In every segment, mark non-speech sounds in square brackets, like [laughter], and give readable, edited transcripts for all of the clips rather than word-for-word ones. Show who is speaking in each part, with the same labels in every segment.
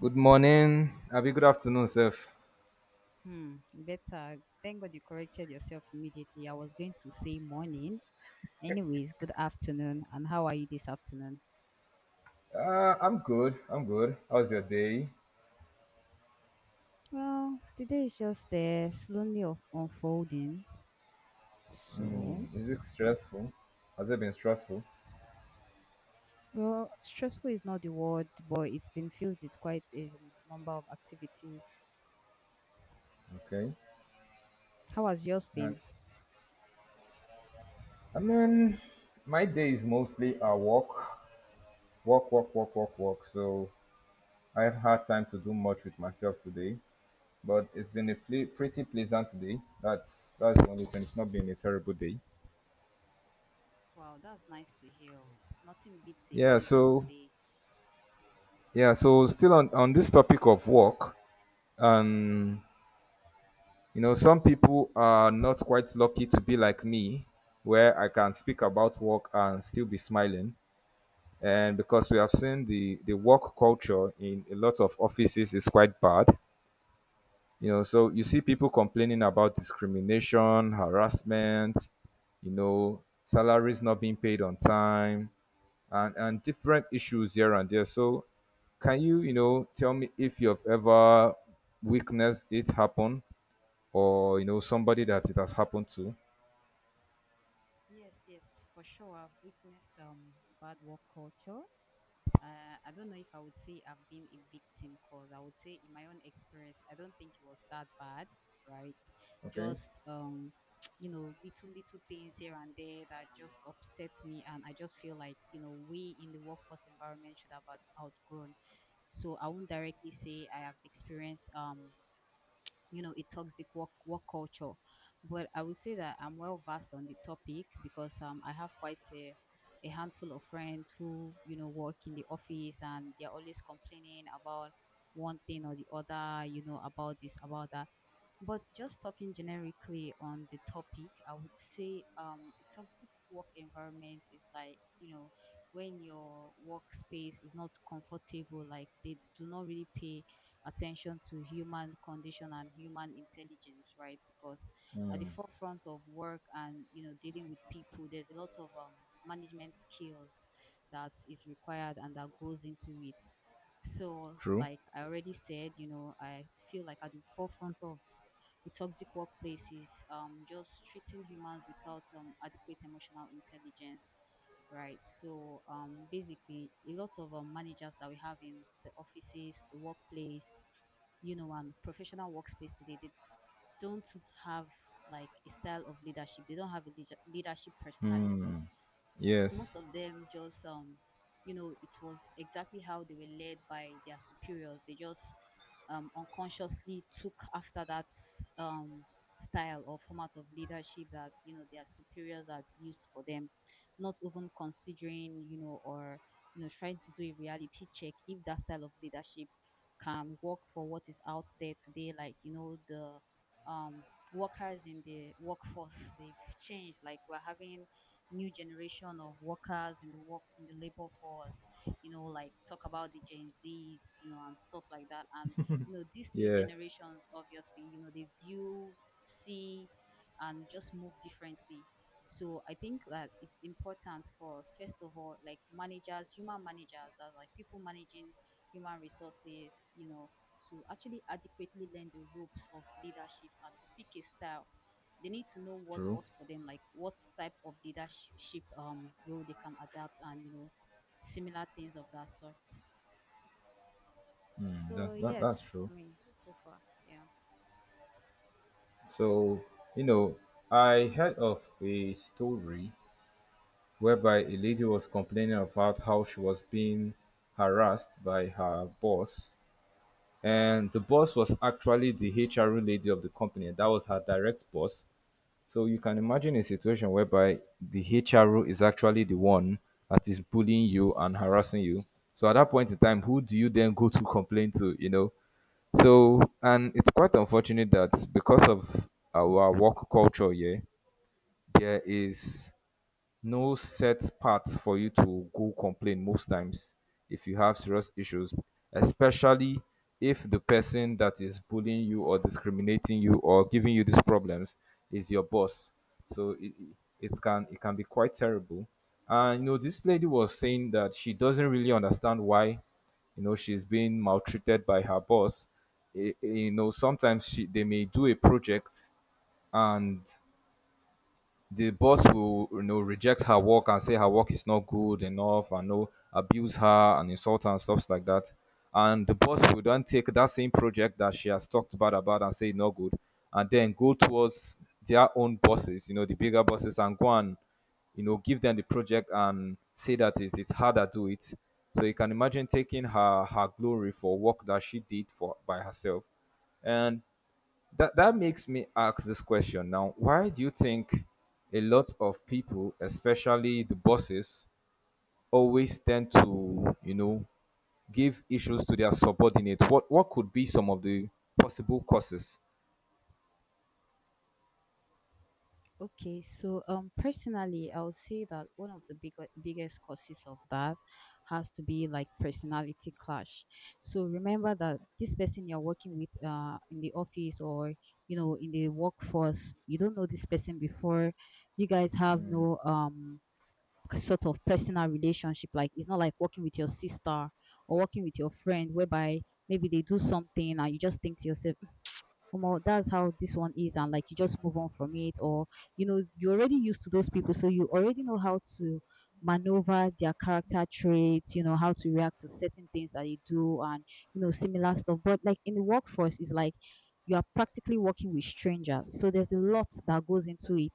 Speaker 1: Good morning. Abi, good afternoon, Seth.
Speaker 2: Better. Thank God you corrected yourself immediately. I was going to say morning. Anyways, good afternoon. And how are you this afternoon?
Speaker 1: I'm good. I'm good. How's your day?
Speaker 2: Well, the day is just there, unfolding. So,
Speaker 1: Mm, is it stressful? Has it been stressful?
Speaker 2: well, stressful is not the word, but it's been filled with quite a number of activities.
Speaker 1: Okay.
Speaker 2: How has yours been?
Speaker 1: That's, I mean, my day is mostly a walk, walk, walk, walk, walk, walk. So I have had time to do much with myself today, but it's been a pretty pleasant day. That's the only thing. It's not been a terrible day.
Speaker 2: Wow, that's nice to hear. Oh. Nothing beats a
Speaker 1: Yeah.
Speaker 2: pleasant
Speaker 1: So
Speaker 2: day.
Speaker 1: yeah. So still on this topic of work.
Speaker 2: Hmm.
Speaker 1: And. You know, some people are not quite lucky to be like me, where I can speak about work and still be smiling. And because we have seen the work culture in a lot of offices is quite bad. You know, so you see people complaining about discrimination, harassment, you know, salaries not being paid on time, and different issues here and there. So can you, you know, tell me if you've ever witnessed it happen or you know somebody that it has happened to.
Speaker 2: Yes, yes, for sure. I've witnessed bad work culture. I don't know if I would say I've been a victim, because I would say in my own experience, I don't think it was that bad, right?
Speaker 1: Okay,
Speaker 2: Just [tsk] you know, little things here and there that just upset me, and I just feel like you know we in the workforce environment should have outgrown. So I won't directly say I have experienced you know a toxic work culture, but I would say that I'm well versed on the topic, because I have quite a handful of friends who you know work in the office, and they're always complaining about one thing or the other, you know, about this, about that. But just talking generically on the topic, I would say a toxic work environment is like, you know, when your workspace is not comfortable, like they do not really pay attention to human condition and human intelligence, right? Because at the forefront of work and, you know, dealing with people, there's a lot of management skills that is required and that goes into it. So,
Speaker 1: true.
Speaker 2: like I already said, you know, I feel like at the forefront of with toxic workplaces, just treating humans without adequate emotional intelligence, right? So basically, a lot of managers that we have in the offices, the workplace, you know, and professional workspace today, they don't have like a style of leadership. They don't have a leadership personality. Most
Speaker 1: Yes,
Speaker 2: of them just you know it was exactly how they were led by their superiors. They just unconsciously took after that um, style or format of leadership that you know their superiors had used for them, not even considering, you know, or you know trying to do a reality check if that style of leadership can work for what is out there today. Like you know the um workers in the workforce, they've changed. Like we're having new generation of workers in the labor force, you know, like talk about the gen z's, you know, and stuff like that. And you know these new
Speaker 1: yeah,
Speaker 2: generations obviously, you know, they view, see, and just move differently. So I think that it's important for first of all like managers, human managers, that like people managing human resources, you know, to actually adequately learn the ropes of leadership and to pick a style. They need to know what
Speaker 1: true.
Speaker 2: works for them, like what type of leadership role they can adapt, and you know, similar things of that sort.
Speaker 1: Mm, that,
Speaker 2: So
Speaker 1: that that's
Speaker 2: yes, for
Speaker 1: true.
Speaker 2: me so far, yeah.
Speaker 1: So you know, I heard of a story whereby a lady was complaining about how she was being harassed by her boss, and the boss was actually the HR lady of the company. That was her direct boss. So you can imagine a situation whereby the HRO is actually the one that is bullying you and harassing you. So at that point in time, who do you then go to complain to, you know? So, and it's quite unfortunate that because of our work culture here, there is no set path for you to go complain most times if you have serious issues, especially if the person that is bullying you or discriminating you or giving you these problems is your boss. So it, it can be quite terrible. And you know, this lady was saying that she doesn't really understand why you know she's being maltreated by her boss. Eh, eh, you know sometimes she, they may do a project and the boss will you know reject her work and say her work is not good enough and no abuse her and insult her and stuff like that, and the boss will then take that same project that she has talked bad about and say it's not good, and then go towards their own bosses, you know, the bigger bosses, and go and you know give them the project and say that it, it's her that do it. So you can imagine taking her glory for work that she did for by herself. And that makes me ask this question now, why do you think a lot of people, especially the bosses, always tend to you know give issues to their subordinate? What could be some of the possible causes?
Speaker 2: Okay, so personally, I would say that one of the biggest causes of that has to be like personality clash. So remember that this person you're working with, in the office or you know in the workforce, you don't know this person before. You guys have no sort of personal relationship. Like it's not like working with your sister or working with your friend, whereby maybe they do something and you just think to yourself, Omo, that's how this one is, and like you just move on from it, or you know, you're already used to those people, so you already know how to maneuver their character traits, you know, how to react to certain things that they do, and you know, similar stuff. But like in the workforce, it's like you are practically working with strangers, so there's a lot that goes into it.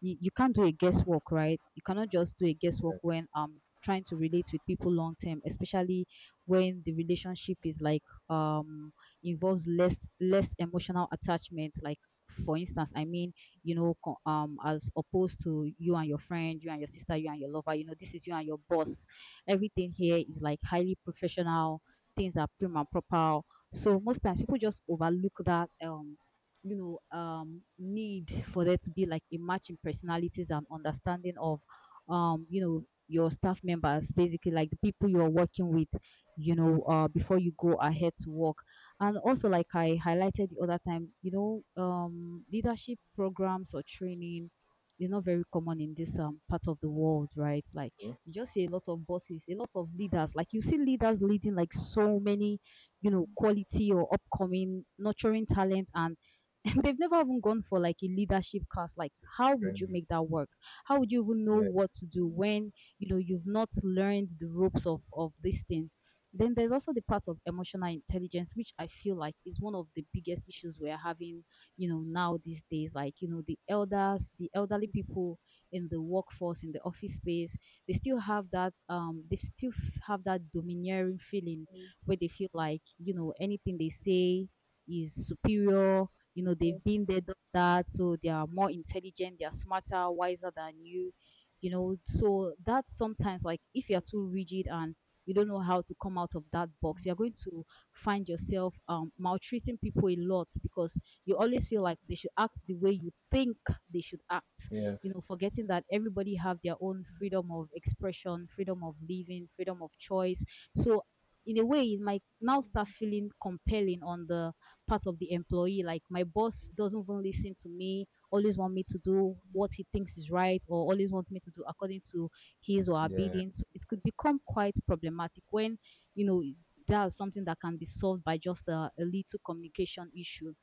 Speaker 2: You can't do a guesswork, right? You cannot just do a guesswork when
Speaker 1: Yes,
Speaker 2: trying to relate with people long term, especially when the relationship is like um involves less emotional attachment. Like for instance, I mean, you know, as opposed to you and your friend, you and your sister, you and your lover, you know this is you and your boss. Everything here is like highly professional, things are prim and proper. So most times people just overlook that you know need for there to be like a match in personalities and understanding of you know your staff members, basically, like the people you're working with, you know, before you go ahead to work. And also, like I highlighted the other time, you know, leadership programs or training is not very common in this part of the world, right? Like you just see a lot of bosses, a lot of leaders. Like you see leaders leading like so many, you know, quality or upcoming nurturing talent, and [laughs] they've never even gone for like a leadership class. Like how would you
Speaker 1: training.
Speaker 2: make that work? How would you even know what
Speaker 1: Yes,
Speaker 2: to do when you know you've not learned the ropes of this thing? Then there's also the part of emotional intelligence, which I feel like is one of the biggest issues we're having, you know, now these days. Like, you know, the elders, the elderly people in the workforce, in the office space, they still have that, they still have that domineering feeling where they feel like, you know, anything they say is superior. You know, they've been there, done that, so they are more intelligent, they are smarter, wiser than you. You know, so that sometimes, like, if you're too rigid and you don't know how to come out of that box, you're going to find yourself maltreating people a lot, because you always feel like they should act the way you think they should act, you
Speaker 1: yes,
Speaker 2: know, forgetting that everybody have their own freedom of expression, freedom of living, freedom of choice. So in a way it might now start feeling compelling on the part of the employee, like my boss doesn't even listen to me, always want me to do what he thinks is right, or always wants me to do according to his or her
Speaker 1: yeah,
Speaker 2: bidding. So it could become quite problematic when, you know, that's something that can be solved by just a little communication issue.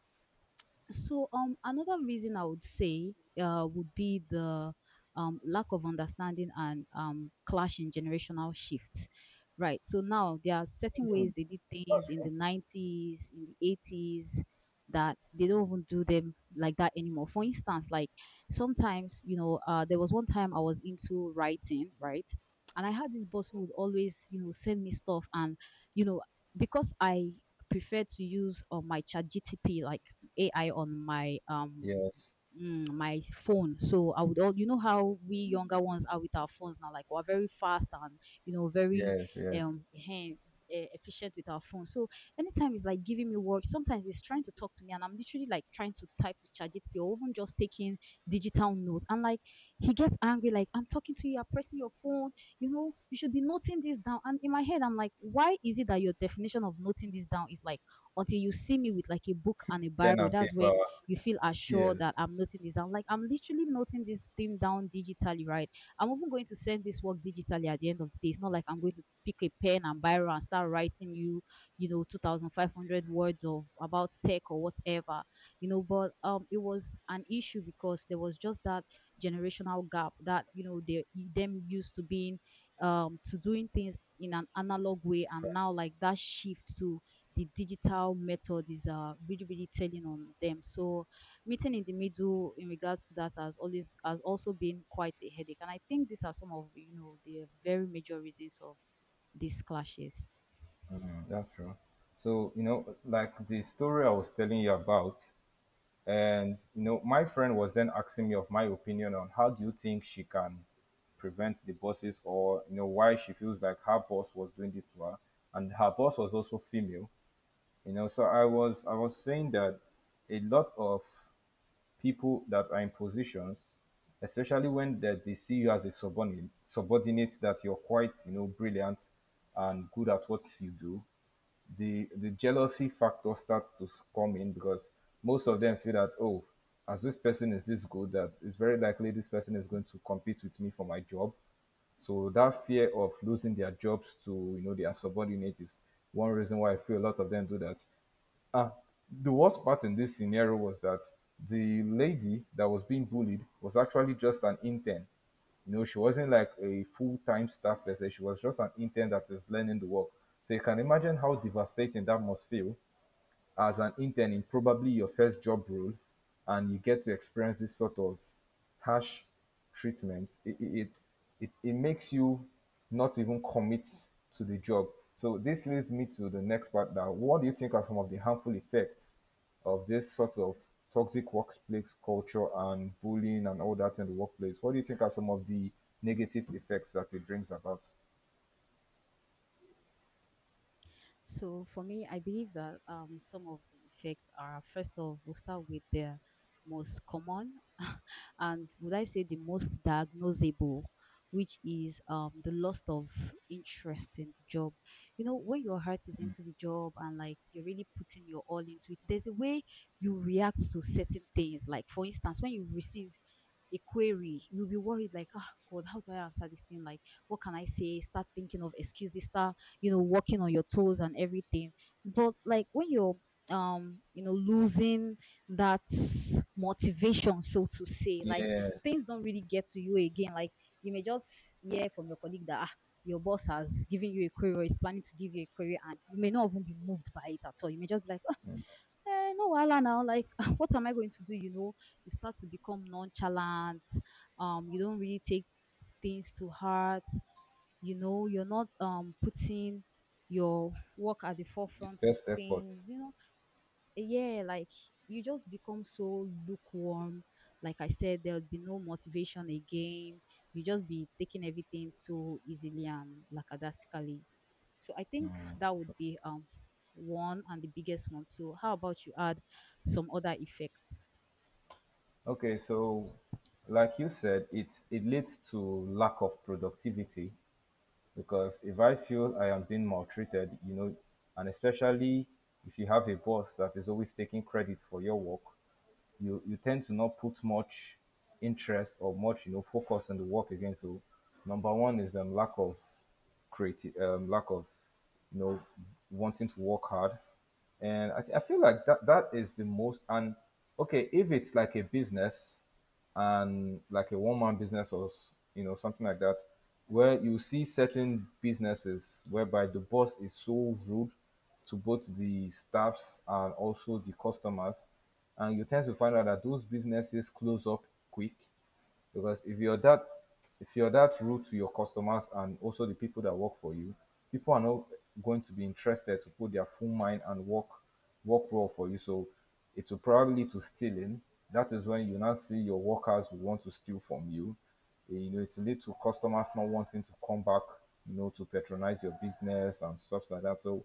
Speaker 2: So, another reason I would say would be the lack of understanding and clash in generational shifts. Right. So now there are certain ways they did things in the 90s, in the 80s, that they don't even do them like that anymore. For instance, like sometimes, you know, there was one time I was into writing, right? And I had this boss who would always, you know, send me stuff. And, you know, because I prefer to use my chat GTP, like AI on my
Speaker 1: yes,
Speaker 2: my phone. So I would, all, you know how we younger ones are with our phones now, like we're very fast and you know very
Speaker 1: yes, yes.
Speaker 2: um eh, efficient with our phone. So anytime it's like giving me work, sometimes it's trying to talk to me and I'm literally like trying to type to charge it or even just taking digital notes. And like he gets angry, like I'm talking to you, I'm pressing your phone, you know, you should be noting this down. And in my head, I'm like, why is it that your definition of noting this down is like until you see me with like a book and a
Speaker 1: Pen
Speaker 2: biro?
Speaker 1: and
Speaker 2: That's
Speaker 1: paper.
Speaker 2: when you feel
Speaker 1: Yes,
Speaker 2: assured that I'm noting this down. Like I'm literally noting this thing down digitally, right? I'm even going to send this work digitally at the end of the day. It's not like I'm going to pick a pen and biro and start writing you, you know, 2,500 words of about tech or whatever, you know. But it was an issue because there was just that generational gap, that you know they them used to being to doing things in an analog way, and now
Speaker 1: that's
Speaker 2: like that shift to the digital method is really telling on them. So meeting in the middle in regards to that has always has also been quite a headache. And I think these are some of you know the very major reasons of these clashes.
Speaker 1: true. That's true. So, you know, like the story I was telling you about, and you know, my friend was then asking me of my opinion on how do you think she can prevent the bosses, or you know, why she feels like her boss was doing this to her, and her boss was also female. You know, so I was saying that a lot of people that are in positions, especially when they see you as a subordinate, subordinate that you're quite, you know, brilliant and good at what you do, the jealousy factor starts to come in because most of them feel that oh, as this person is this good, that it's very likely this person is going to compete with me for my job. So that fear of losing their jobs to you know their subordinates is one reason why I feel a lot of them do that. Ah, the worst part in this scenario was that the lady that was being bullied was actually just an intern. You know, she wasn't like a full time staff person. She was just an intern that is learning the work. So you can imagine how devastating that must feel as an intern in probably your first job role and you get to experience this sort of harsh treatment. It makes you not even commit to the job. So this leads me to the next part now. What do you think are some of the harmful effects of this sort of toxic workplace culture and bullying and all that in the workplace? What do you think are some of the negative effects that it brings about?
Speaker 2: So for me, I believe that some of the effects are, first of, we'll start with the most common [laughs] and would I say the most diagnosable, which is the loss of interest in the job. You know, when your heart is into the job and like you're really putting your all into it, there's a way you react to certain things. Like for instance, when you receive a query, you'll be worried like, oh God, how do I answer this thing? Like, what can I say? Start thinking of excuses, start walking on your toes and everything, but like when you're losing that motivation, so to say. Like things
Speaker 1: Yes,
Speaker 2: don't really get to you again. Like you may just hear from your colleague that ah, your boss has given you a query or is planning to give you a query, and you may not even be moved by it at all. You may just be like "Ah, eh, no wahala now," like [laughs] what am I going to do? You start to become nonchalant. You don't really take things to heart. You know, you're not putting your work at the
Speaker 1: your
Speaker 2: forefront of
Speaker 1: best efforts.
Speaker 2: things, you know? Yeah, like you just become so lukewarm. Like I said, there'll be no motivation again. You just be taking everything so easily and lackadaisically. So I think that would be one and the biggest one. So how about you add some other effects?
Speaker 1: Okay, so like you said, it leads to lack of productivity because if I feel I am being maltreated, you know, and especially if you have a boss that is always taking credit for your work, you tend to not put much interest or much you know focus on the work again. So number one is lack of creative lack of you know wanting to work hard. And I feel like that is the most. And okay, if it's like a business and like a one man business or you know something like that, where you see certain businesses whereby the boss is so rude to both the staffs and also the customers, and you tend to find out that those businesses close up quick because if you're that rude to your customers and also the people that work for you, people are not going to be interested to put their full mind and work work well for you. So it will probably lead to stealing. That is when you now see your workers will want to steal from you. Eh, you know, it will lead to customers not wanting to come back, you know, to patronize your business and stuff like that. So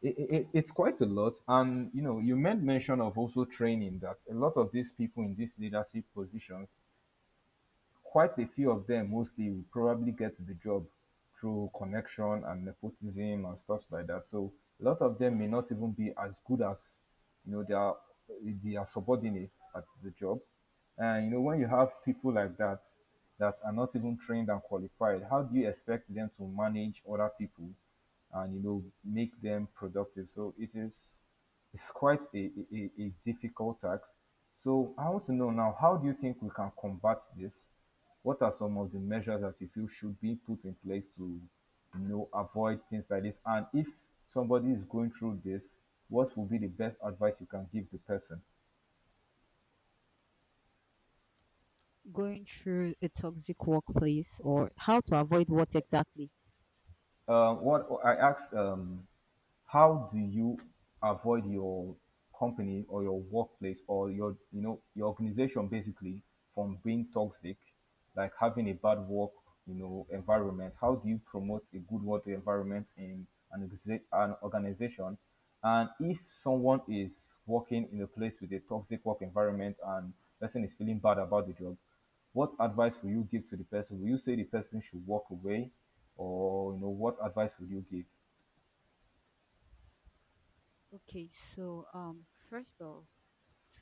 Speaker 1: it, it's quite a lot. And you know, you made mention of also training that a lot of these people in these leadership positions, quite a few of them mostly will probably get the job through connection and nepotism and stuff like that. So a lot of them may not even be as good as you know their subordinates at the job. And you know when you have people like that that are not even trained and qualified, how do you expect them to manage other people and you know make them productive? So it is it's quite a difficult task. So I want to know now, how do you think we can combat this? What are some of the measures that you feel should be put in place to, you know, avoid things like this? And if somebody is going through this, what would be the best advice you can give the person?
Speaker 2: Going through a toxic workplace, or how to avoid what exactly?
Speaker 1: What I asked how do you avoid your company or your workplace or your you know your organization basically from being toxic, like having a bad work you know environment? How do you promote a good work environment in an organization? And if someone is working in a place with a toxic work environment and person is feeling bad about the job, what advice will you give to the person? Will you say the person should walk away, or you know what advice will you give?
Speaker 2: Okay, so first off,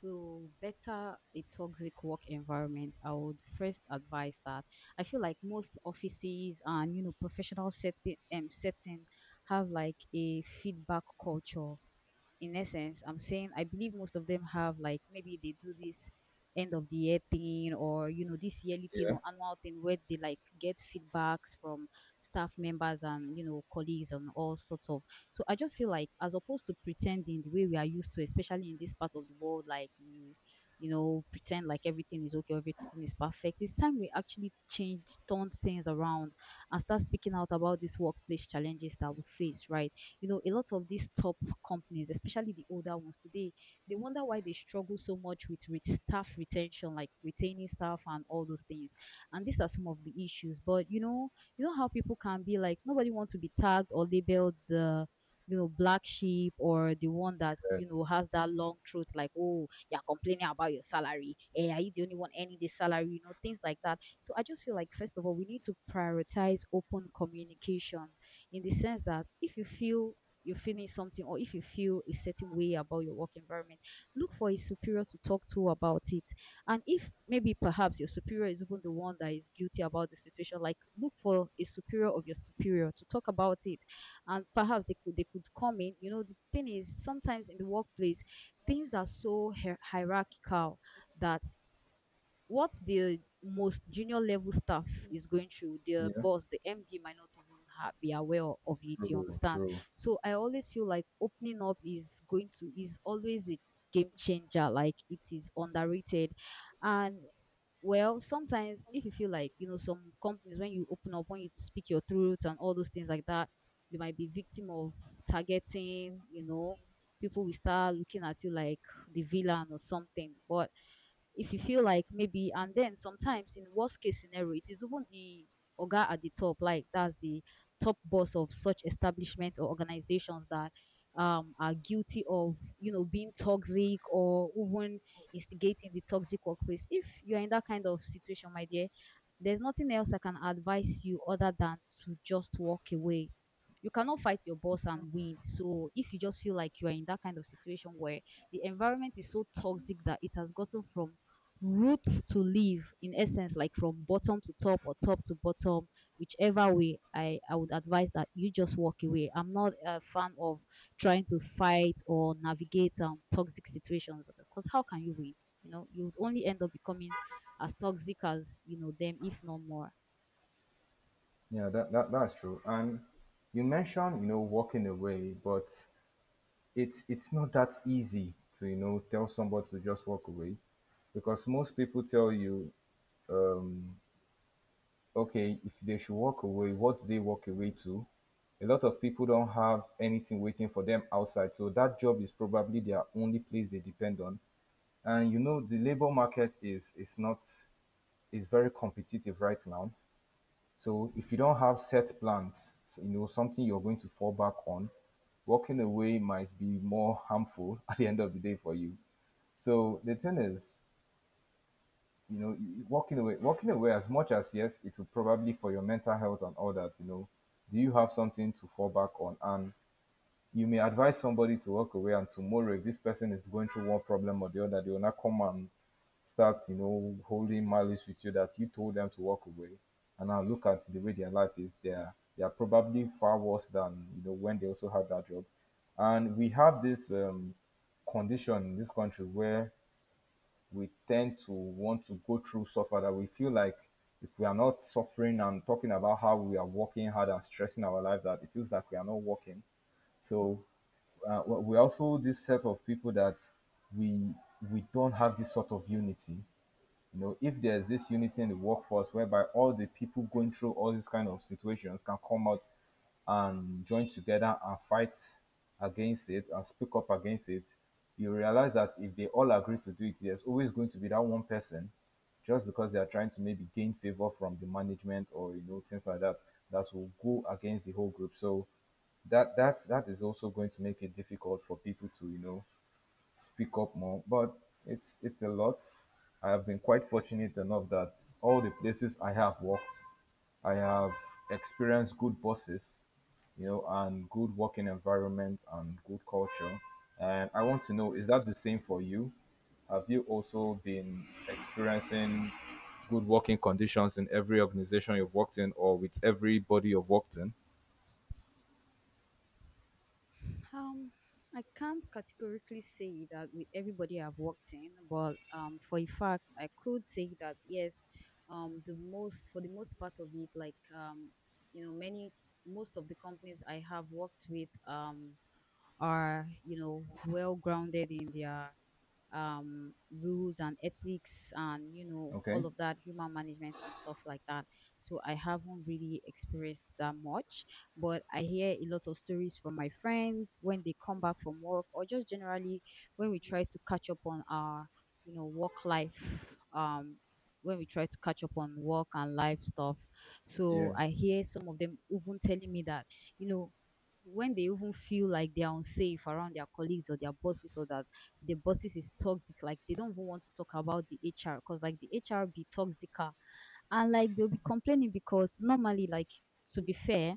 Speaker 2: to better a toxic work environment, I would first advise that I feel like most offices and you know professional setting have like a feedback culture. In essence, I'm saying I believe most of them have like, maybe they do this end of the year thing or you know this yearly thing
Speaker 1: Yeah.
Speaker 2: or annual thing, where they like get feedbacks from staff members and you know colleagues and all sorts of. So I just feel like, as opposed to pretending the way we are used to, especially in this part of the world, like you know, pretend like everything is okay, everything is perfect, it's time we actually change turned things around and start speaking out about these workplace challenges that we face, right? You know, a lot of these top companies, especially the older ones today, they wonder why they struggle so much with staff retention, like retaining staff and all those things. And these are some of the issues. But you know how people can be, like nobody wants to be tagged or labeled the, you know, black sheep or the one that you know has that long truth, like, oh, you're complaining about your salary. Eh, are you the only one earning this salary? You know, things like that. So I just feel like, first of all, we need to prioritize open communication, in the sense that if you feel you're feeling something or if you feel a certain way about your work environment, look for a superior to talk to about it. And if maybe perhaps your superior is even the one that is guilty about the situation, like look for a superior of your superior to talk about it. And perhaps they could come in. You know, the thing is, sometimes in the workplace, things are so hierarchical that what the most junior level staff is going through, their
Speaker 1: Yeah.
Speaker 2: boss, the MD, might not even ha be aware of it. You
Speaker 1: True,
Speaker 2: understand?
Speaker 1: true.
Speaker 2: So I always feel like opening up is going to is always a game changer. Like, it is underrated. And well, sometimes if you feel like, you know, some companies when you open up, when you speak your truth and all those things like that, you might be victim of targeting. You know, people will start looking at you like the villain or something. But if you feel like, maybe, and then sometimes in worst case scenario it is even the oga at the top, like that's the top boss of such establishment or organizations that are guilty of you know being toxic, or even instigating the toxic workplace, if you're in that kind of situation, my dear, there's nothing else I can advise you other than to just walk away. You cannot fight your boss and win. So if you just feel like you are in that kind of situation where the environment is so toxic that it has gotten from roots to live, in essence, like from bottom to top or top to bottom, whichever way, I would advise that you just walk away. I'm not a fan of trying to fight or navigate toxic situations, because how can you win? You know, you would only end up becoming as toxic as, you know, them, if not more.
Speaker 1: Yeah, that's true. And you mentioned, you know, walking away, but it's not that easy to, you know, tell somebody to just walk away. Because most people tell you, um, okay, if they should walk away, what do they walk away to? A lot of people don't have anything waiting for them outside. So that job is probably their only place they depend on. And you know, the labor market is not is very competitive right now. So if you don't have set plans, you know, something you're going to fall back on, walking away might be more harmful [laughs] at the end of the day for you. So the thing is, you know, walking away as much as yes, it will probably for your mental health and all that, you know, do you have something to fall back on? And you may advise somebody to walk away, and tomorrow if this person is going through one problem or the other, they will not come and start holding malice with you that you told them to walk away and now look at the way their life is there. They are probably far worse than, you know, when they also had that job. And we have this condition in this country where we tend to want to go through suffer, that we feel like if we are not suffering and talking about how we are working hard and stressing our life, that it feels like we are not working. So we're also this set of people that we we don't have this sort of unity. You know, if there's this unity in the workforce whereby all the people going through all these kind of situations can come out and join together and fight against it and speak up against it, you realize that if they all agree to do it, there's always going to be that one person, just because they are trying to maybe gain favor from the management or, you know, things like that, that will go against the whole group. So that is also going to make it difficult for people to, you know, speak up more. But it's a lot. I have been quite fortunate enough that all the places I have worked, I have experienced good bosses, you know, and good working environment and good culture. And I want to know, is that the same for you? Have you also been experiencing good working conditions in every organization you've worked in or with everybody you've worked in?
Speaker 2: Um, I can't categorically say that with everybody I've worked in, but for a fact, I could say that yes, the most for the most part of it, like you know, many most of the companies I have worked with are you know well grounded in their rules and ethics and you know
Speaker 1: Okay.
Speaker 2: all of that human management and stuff like that. So I haven't really experienced that much, but I hear a lot of stories from my friends when they come back from work, or just generally when we try to catch up on our you know work life When we try to catch up on work and life stuff, so
Speaker 1: Yeah.
Speaker 2: I hear some of them even telling me that, you know, when they even feel like they're unsafe around their colleagues or their bosses, or that the bosses is toxic. Like, they don't even want to talk about the HR because like the HR be toxica, and like they'll be complaining because normally, like, to be fair,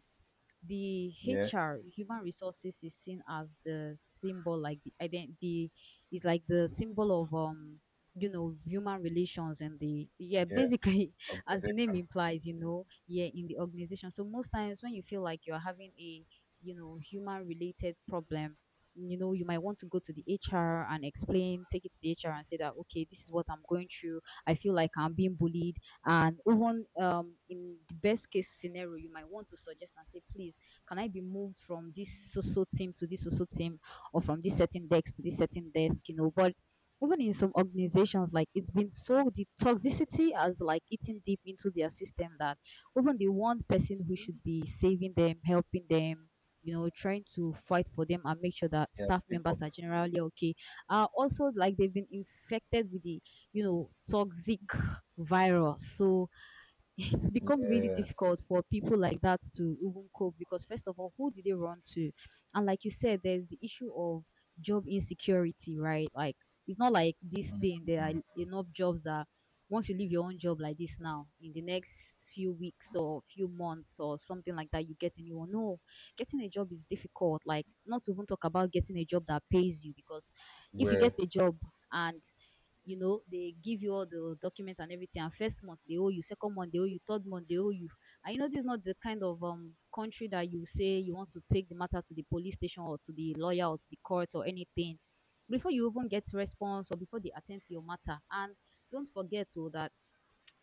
Speaker 2: the
Speaker 1: Yes.
Speaker 2: HR, human resources, is seen as the symbol, like the identity, is like the symbol of, um, you know, human relations and the, yeah,
Speaker 1: Yeah.
Speaker 2: basically, [laughs] as the name
Speaker 1: Organization.
Speaker 2: implies, you know, yeah, in the organization. So most times when you feel like you're having a, you know, human related problem, you know, you might want to go to the HR and explain, take it to the HR and say that okay, this is what I'm going through, I feel like I'm being bullied. And even in the best case scenario, you might want to suggest and say, please, can I be moved from this so so team to this so so team, or from this certain desk to this certain desk, you know? But even in some organizations, like, it's been so, the toxicity has like eaten deep into their system, that even the one person who should be saving them, helping them, you know, trying to fight for them and make sure that
Speaker 1: Yeah.
Speaker 2: staff
Speaker 1: Speak up.
Speaker 2: members are generally okay, are also like they've been infected with the, you know, toxic viral. So [laughs] it's become really
Speaker 1: Yes.
Speaker 2: difficult for people like that to even cope, because, first of all, who did they run to? And like you said, there's the issue of job insecurity, right? Like, it's not like this thing, there are enough jobs that once you leave your own job like this now, in the next few weeks or few months or something like that, you get a new one. No, getting a job is difficult. Like, not to even talk about getting a job that pays you. Because if you get
Speaker 1: Well,
Speaker 2: a job and you know they give you all the documents and everything, and first month they owe you, second month they owe you, third month they owe you, and you know this is not the kind of, um, country that you say you want to take the matter to the police station or to the lawyer or to the court or anything before you even get response, or before they attend to your matter. And don't forget to that,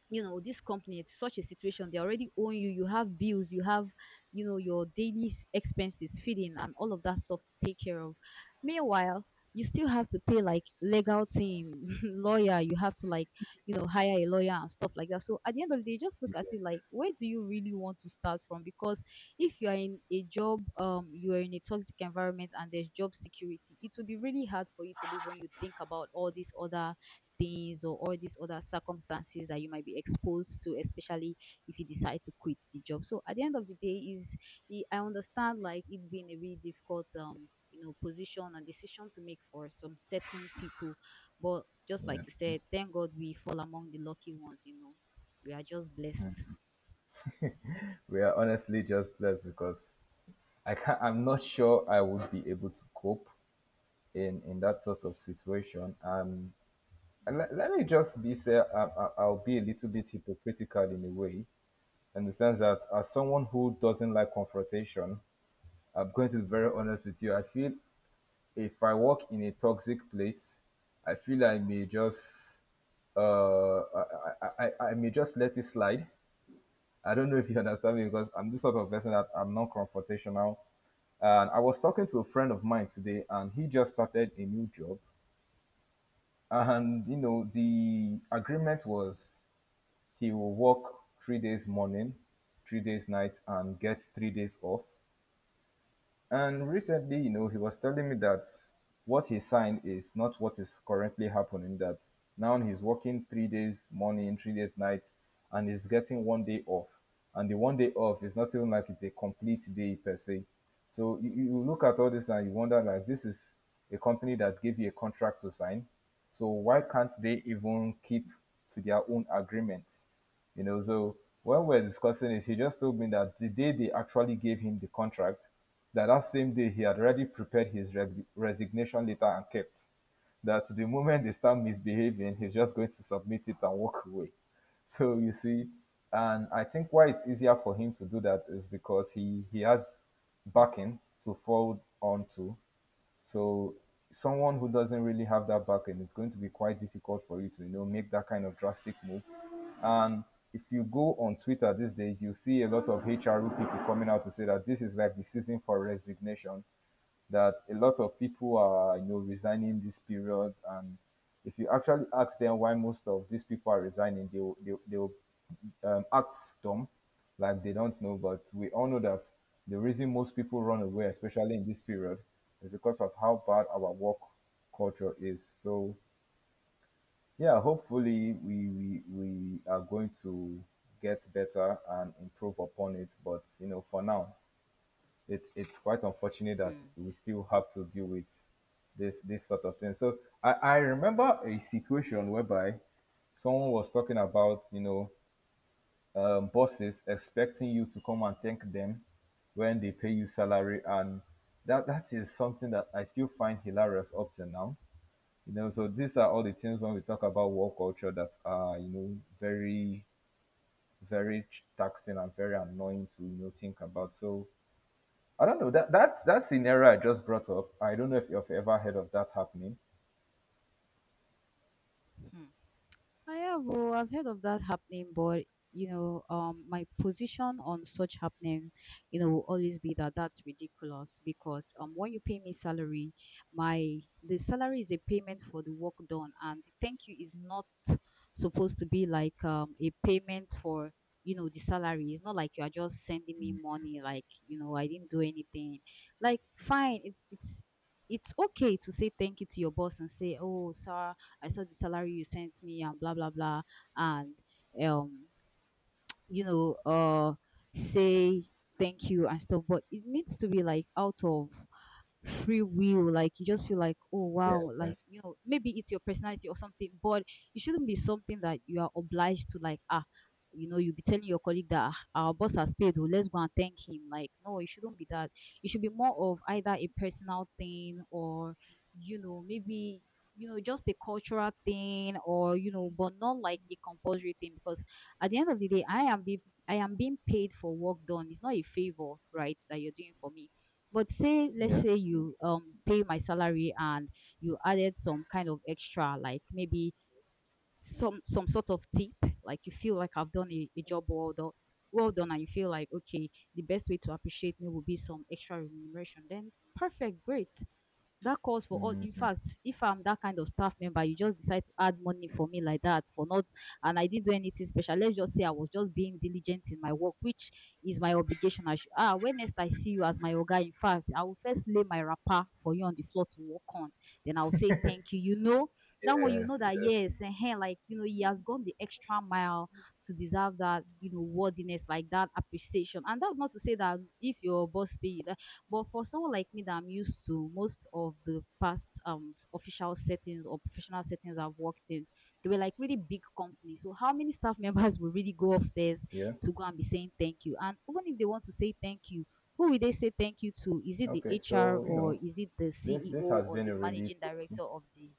Speaker 2: you know, this company, it's such a situation, they already own you, you have bills, you have, you know, your daily expenses, feeding and all of that stuff to take care of. Meanwhile, you still have to pay like legal team, [laughs] lawyer, you have to like, you know, hire a lawyer and stuff like that. So at the end of the day, just look at it like, where do you really want to start from? Because if you are in a job, um, you are in a toxic environment, and there's job security, it will be really hard for you to live, when you think about all these other things, or all these other circumstances that you might be exposed to, especially if you decide to quit the job. So at the end of the day, is it- I understand like it being a really difficult, um, you know, position and decision to make for some certain people, but just like
Speaker 1: yeah,
Speaker 2: you said, thank God we fall among the lucky ones. You know, we are just blessed.
Speaker 1: we are honestly just blessed because I can not, I'm not sure I would be able to cope in that sort of situation. And let me just be say I'll be a little bit hypocritical in a way, in the sense that as someone who doesn't like confrontation, I'm going to be very honest with you. I feel if I work in a toxic place, I feel I may just uh I, I may just let it slide. I don't know if you [laughs] understand me, because I'm this sort of person that I'm non confrontational. And I was talking to a friend of mine today, and he just started a new job. And, you know, the agreement was he will work 3 days morning, 3 days night, and get 3 days off. And recently, you know, he was telling me that what he signed is not what is currently happening. That now he's working 3 days morning, 3 days night, and he's getting 1 day off. And the 1 day off is not even like it's a complete day per se. So you look at all this and you wonder, like, this is a company that gave you a contract to sign. So why can't they even keep to their own agreements? You know, so when we're discussing this, he just told me that the day they actually gave him the contract, that that same day he had already prepared his resignation letter and kept, that the moment they start misbehaving he's just going to submit it and walk away. So you see, and I think why it's easier for him to do that is because he has backing to fall onto. So someone who doesn't really have that backing, it's going to be quite difficult for you to, you know, make that kind of drastic move. And if you go on Twitter these days, you see a lot of HR people coming out to say that this is like the season for resignation, that a lot of people are, you know, resigning this period. And if you actually ask them why most of these people are resigning, they will, they will act dumb, like they don't know. But we all know that the reason most people run away, especially in this period, is because of how bad our work culture is. So yeah, hopefully we are going to get better and improve upon it. But you know, for now, it's quite unfortunate that
Speaker 2: Hmm.
Speaker 1: we still have to deal with this sort of thing. So I remember a situation whereby someone was talking about, you know, bosses expecting you to come and thank them when they pay you salary, and that is something that I still find hilarious up till now. You know, so these are all the things when we talk about work culture that are, you know, very very taxing and very annoying to, you know, think about. So I don't know that scenario I just brought up. I don't know if you've ever heard of that happening.
Speaker 2: Hmm. Yeah, well, I've heard of that happening, but you know, my position on such happening, you know, will always be that that's ridiculous because when you pay me salary, my the salary is a payment for the work done, and the thank you is not supposed to be like, um, a payment for, you know, the salary. It's not like you are just sending me money, like you know I didn't do anything. Like, fine, it's okay to say thank you to your boss and say, oh, sir, I saw the salary you sent me and blah blah blah, and um, you know, say thank you and stuff, but it needs to be like out of free will. Like you just feel like, oh wow, like
Speaker 1: Yes.
Speaker 2: you know, maybe it's your personality or something. But it shouldn't be something that you are obliged to, like, ah. You know, you'll be telling your colleague that "Ah, our boss has paid, oh, let's go and thank him." Like, no, it shouldn't be that. It should be more of either a personal thing, or, you know, maybe, you know, just a cultural thing, or, you know, but not like a compulsory thing. Because at the end of the day, I am being paid for work done. It's not a favor, right, that you're doing for me. But say, let's
Speaker 1: Yeah.
Speaker 2: say you pay my salary, and you added some kind of extra, like, maybe some sort of tip. Like you feel like I've done a job well done, well done, and you feel like, okay, the best way to appreciate me would be some extra remuneration, then perfect, great, that calls for all. In fact, if I'm that kind of staff member, you just decide to add money for me like that for not, and I didn't do anything special, let's just say I was just being diligent in my work, which is my obligation, I should, ah, when next I see you as my oga, in fact, I will first lay my wrapper for you on the floor to walk on, then I'll say thank you, you know. That one, you know,
Speaker 1: Yes.
Speaker 2: that
Speaker 1: Yes.
Speaker 2: yes, and hey, like, you know, he has gone the extra mile to deserve that, you know, worthiness, like that appreciation. And that's not to say that if your boss pay you, but for someone like me that I'm used to most of the past official settings or professional settings I've worked in, they were like really big companies. So how many staff members [laughs] will really go upstairs
Speaker 1: Yeah.
Speaker 2: to go and be saying thank you? And even if they want to say thank you, who will they say thank you to? Is it the
Speaker 1: Okay.
Speaker 2: HR,
Speaker 1: So you
Speaker 2: or
Speaker 1: know.
Speaker 2: is it the
Speaker 1: This
Speaker 2: CEO,
Speaker 1: has
Speaker 2: or
Speaker 1: been
Speaker 2: the
Speaker 1: a relief.
Speaker 2: managing director of the